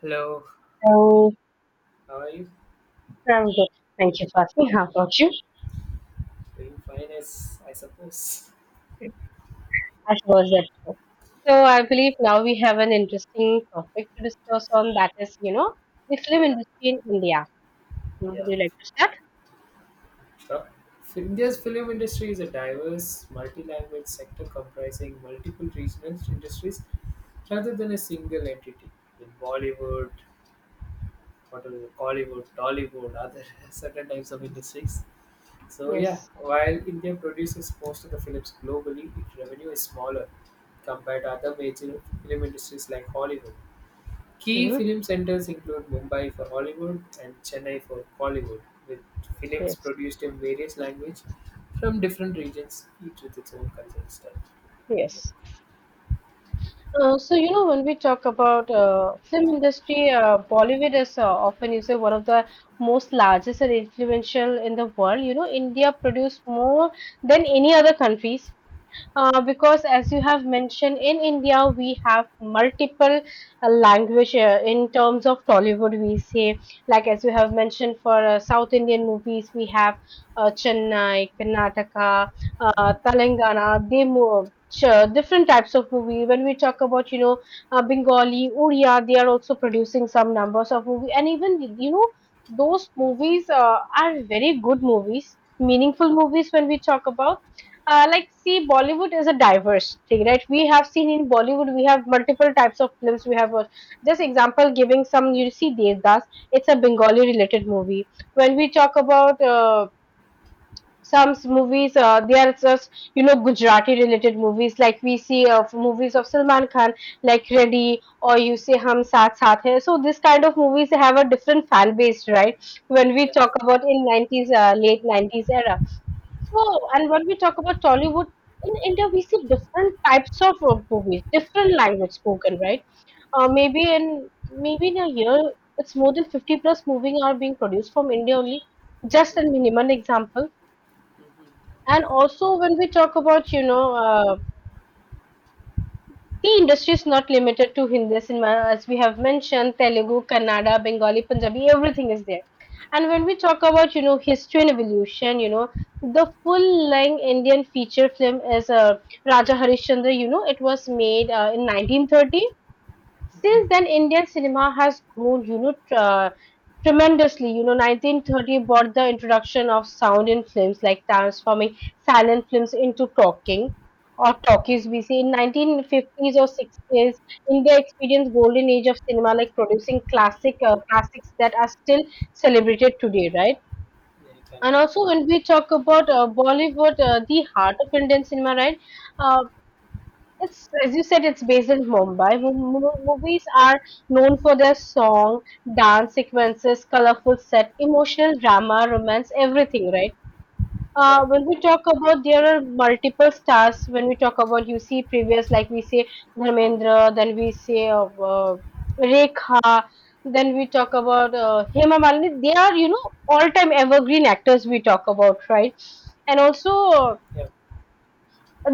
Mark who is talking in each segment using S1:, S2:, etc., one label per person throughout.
S1: Hello,
S2: Oh,
S1: how are you?
S2: I'm good. Thank you for asking. How about you?
S1: Doing fine, as I suppose.
S2: As was that. So I believe now we have an interesting topic to discuss on, that is, the film
S1: Yeah,
S2: industry in India. Would
S1: yeah,
S2: you like to start?
S1: So, India's film industry is a diverse, multi-language sector comprising multiple regional industries rather than a single entity. In Bollywood, what are Hollywood, Tollywood, other certain types of
S2: Yes.
S1: industries.
S2: Yes.
S1: While India produces most of the films globally, its revenue is smaller compared to other major film industries like Hollywood. Key
S2: Hmm.
S1: film centres include Mumbai for Hollywood and Chennai for Kollywood, with films
S2: Yes.
S1: produced in various languages from different regions, each with its own cultural style.
S2: Yes. So you know when we talk about film industry, Bollywood is often is one of the most largest and influential in the world. You know, India produced more than any other countries because as you have mentioned, in india we have multiple language, in terms of tollywood, we say, like as you have mentioned, for south indian movies we have chennai, karnataka, telangana. They move. Sure, different types of movie. When we talk about, you know, Bengali, Odia, they are also producing some numbers of movie, and even you know, those movies are very good movies, meaningful movies. When we talk about like see, bollywood is a diverse thing, right? We have seen, in bollywood we have multiple types of films, we have just example giving some, you see devdas, it's a bengali related movie. When we talk about some movies, they are just you know gujarati related movies, like we see movies of salman khan like ready, or you say hum saath saath hai. So this kind of movies have a different fan base, right? When we
S1: Yeah.
S2: talk about in 90s, late 90s era. So, and when we talk about Tollywood, in India we see different types of movies, different language spoken, right? Maybe in a year, it's more than 50 plus movies are being produced from India only. Just a
S1: Mm,
S2: minimum example.
S1: mhm,
S2: And also when we talk about, you know, the industry is not limited to Hindi cinema. As we have mentioned, Telugu, Kannada, Bengali, Punjabi, everything is there. And when we talk about, you know, history and evolution, you know, the full-length Indian feature film is Raja Harishchandra. You know, it was made in 1930. Since
S1: mhm.
S2: then, Indian cinema has grown, you know, tremendously. You know, 1930 brought the introduction of sound in films, like transforming silent films into talking or talkies. We see in 1950s or 60s, India experienced golden age of cinema, like producing classics that are still celebrated today, right?
S1: Yeah,
S2: And
S1: exactly.
S2: also, when we talk about Bollywood, the heart of Indian cinema, right? uh, it's as you said, it's based in Mumbai. Movies are known for their song, dance sequences, colorful set, emotional drama, romance, everything, right?
S1: Yeah,
S2: When we talk about, there are multiple stars. When we talk about, you see previous, like we say Dharmendra, then we say uh, Rekha, then we talk about Hema Malini. They are, you know, all time evergreen actors we talk about, right? And also
S1: yeah,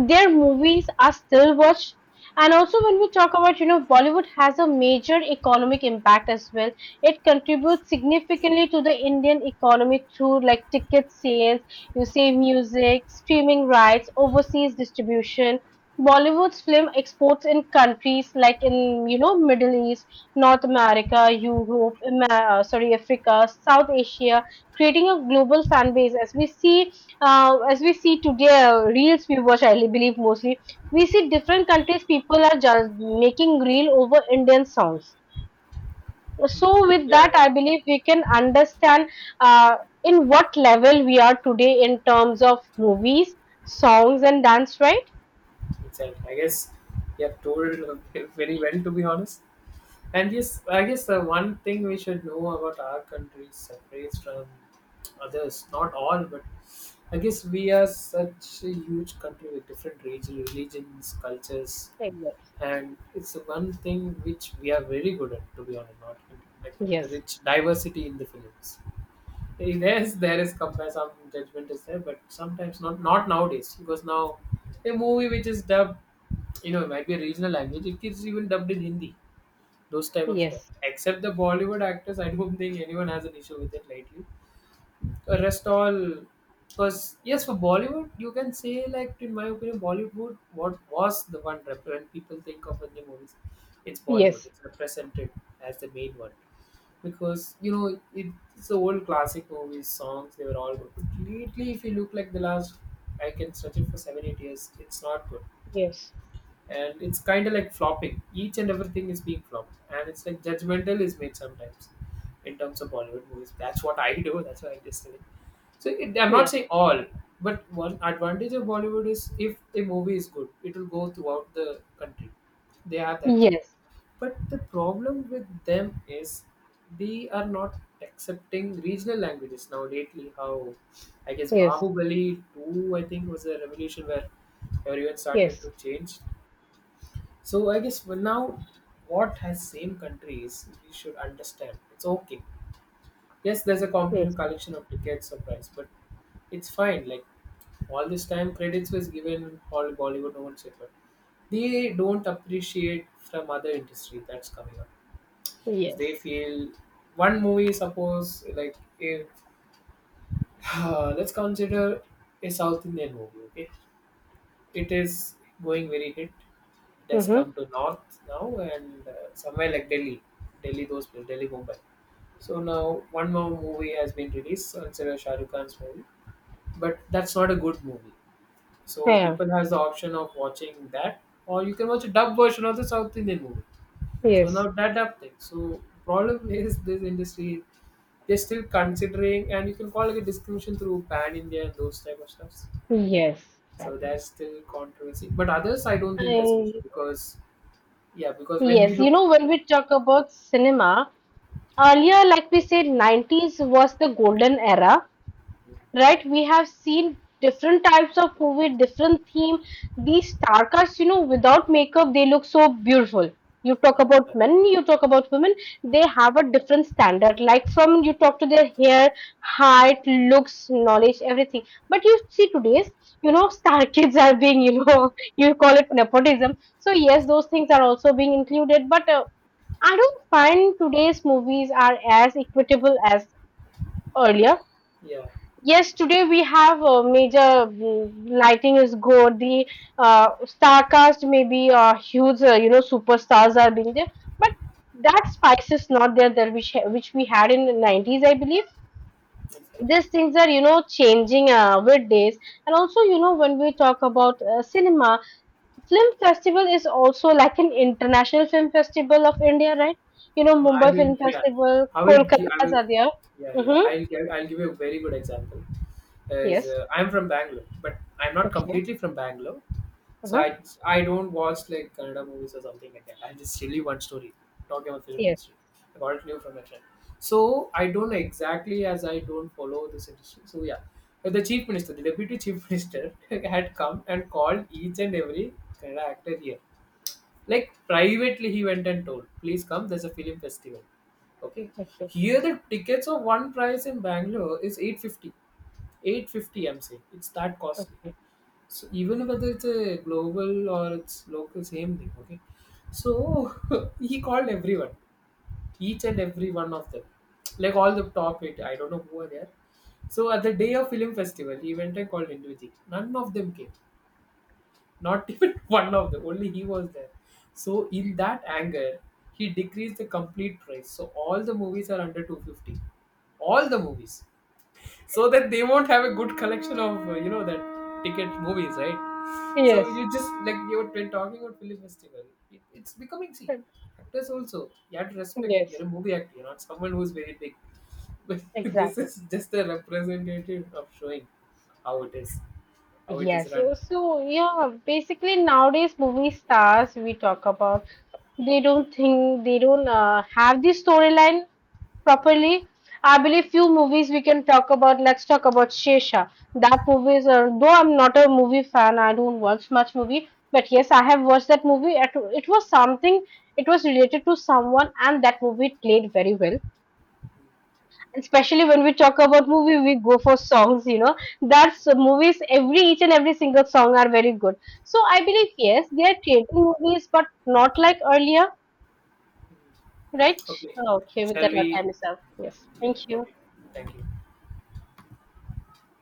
S2: their movies are still watched. And also when we talk about, you know, bollywood has a major economic impact as well. It contributes significantly to the indian economy through, like, ticket sales, you say, music streaming rights, overseas distribution. Bollywood's film exports in countries like in, you know, middle east, north america, europe, Ama- sorry africa, south asia, creating a global fan base as we see. As we see today, reels we watch, I believe, mostly we see different countries people are just making reel over Indian songs.
S1: mm.
S2: So with
S1: yeah,
S2: that, I believe we can understand uh, in what level we are today in terms of movies, songs, and dance. Right?
S1: exactly. I guess you have told very well, to be honest. And yes, I guess the one thing we should know about our country separates from others, not all, but I guess we are such a huge country with different region, religions, cultures,
S2: Yes.
S1: and it's one thing which we are very good at, to be honest, not like the
S2: Yes.
S1: rich diversity in the films. Yes, there is compare some judgment is there, but sometimes not nowadays, because now a movie which is dubbed, you know, it might be a regional language. It is even dubbed in Hindi. Those type of stuff.
S2: Yes.
S1: Except the Bollywood actors, I don't think anyone has an issue with it lately. Rest all, because yes, for Bollywood you can say, like, in my opinion Bollywood, what was the one when people think of Indian movies, it's Bollywood,
S2: Yes.
S1: it's represented as the main one, because you know it, it's the old classic movies, songs they were all good. Lately, if you look like the last, I can search it for 7 8 years, it's not good,
S2: Yes.
S1: and it's kind of like flopping. Each and everything is being flopped, and it's like judgmental is made sometimes in terms of Bollywood movies. That's what I do. That's what I just say. So I'm not
S2: Yes.
S1: saying all, but one advantage of Bollywood is if a movie is good, it will go throughout the country. They have that thing.
S2: Yes.
S1: But the problem with them is they are not accepting regional languages now. Lately, how I guess
S2: Yes.
S1: Bahubali 2, I think, was a revolution where everyone started
S2: Yes.
S1: to change. So I guess well now, what has same countries we should understand. It's okay. Yes, there's a
S2: Yes.
S1: competitive collection of tickets or price, but it's fine. Like all this time, credits was given all Bollywood, no one said, but they don't appreciate from other industry that's coming up. 'Cause they
S2: Yes.
S1: feel one movie, suppose like if let's consider a South Indian movie. Okay, it is going very hit. It has
S2: Mm-hmm.
S1: come to north now and somewhere like Delhi, Delhi those places, Delhi Mumbai. So now one more movie has been released, so instead of Shah Rukh Khan's movie, but that's not a good movie. So
S2: Yeah.
S1: people has the option of watching that, or you can watch a dub version of the South Indian movie. So
S2: Yes.
S1: now that dub thing. So problem is this industry, they're still considering, and you can call it a discrimination through pan India and those type of stuffs.
S2: Yes.
S1: So that's still controversy. But others, I don't think that's an
S2: I.
S1: issue because, yeah, because when we
S2: Yes, you
S1: look,
S2: know, when we talk about cinema, earlier, like we said, 90s was the golden era, right? We have seen different types of movie, different theme. These star casts, you know, without makeup, they look so beautiful. You talk
S1: yeah,
S2: about
S1: that-
S2: men, you talk about women, they have a different standard. Like from you talk to their hair, height, looks, knowledge, everything. But you see today's, you know, star kids are being, you know, you call it nepotism. So yes, those things are also being included. But I don't find today's movies are as equitable as earlier.
S1: yeah,
S2: Yes, today we have a major lighting is good. The star cast maybe huge, you know, superstars are being there, but that spice is not there that which which we had in the 90s, I believe.
S1: exactly.
S2: These things are you know changing with days, and also you know when we talk about cinema, Film Festival is also like an international film festival of India, right? You know,
S1: No, I
S2: Mumbai
S1: will.
S2: Film
S1: Yeah,
S2: Festival,
S1: I will. I
S2: Kolkata's
S1: will.
S2: are there.
S1: Yeah.
S2: Mm-hmm.
S1: I'll give. I'll give you a very good example. Is
S2: Yes.
S1: I'm from Bangalore, but I'm not
S2: Okay.
S1: completely from Bangalore, so
S2: Uh-huh.
S1: I don't watch like Kannada movies or something like that. I just tell you one story talking about film
S2: Yes.
S1: industry. I got it new from my friend. So I don't know exactly as I don't follow this industry. But the chief minister, the deputy chief minister, had come and called each and every Kannada actor here, like privately, he went and told, "Please come. There's a film festival." Okay.
S2: Okay.
S1: Here, the tickets of one price in Bangalore is 850. 850. I'm saying it's that costly. So even whether it's a global or it's local, same thing. Okay. So he called everyone, each and every one of them, like all the top eight. I don't know who are there. So at the day of film festival, he went and called individually. None of them came. Not even one of them, only he was there. So in that anger, he decreased the complete price. So all the movies are under 250. All the movies. So that they won't have a good collection of, you know, that ticket movies, right? So
S2: Yes.
S1: you just, like, you were been talking about film festival. It's becoming, see, actors also, you have to respect,
S2: Yes.
S1: you're a movie actor, you're not someone who's very big. But this
S2: Exactly.
S1: is just a representative of showing how it is, how it is
S2: Yes.
S1: run.
S2: So, so yeah, basically nowadays movie stars we talk about, they don't think, they don't have the storyline
S1: Hmm.
S2: properly. I believe few movies we can talk about. Let's talk about Shesha. That movie is, though I'm not a movie fan, I don't watch much movie, but yes, I have watched that movie. It was something, it was related to someone, and that movie played very well. Especially when we talk about movie, we go for songs, you know. That's movies, every each and every single song are very good. So I believe, yes, they are creating movies, but not like earlier, right?
S1: Okay.
S2: Okay, with
S1: Shall
S2: that, not
S1: we?
S2: time is up. Yes,
S1: Yeah.
S2: thank you.
S1: Okay. Thank you.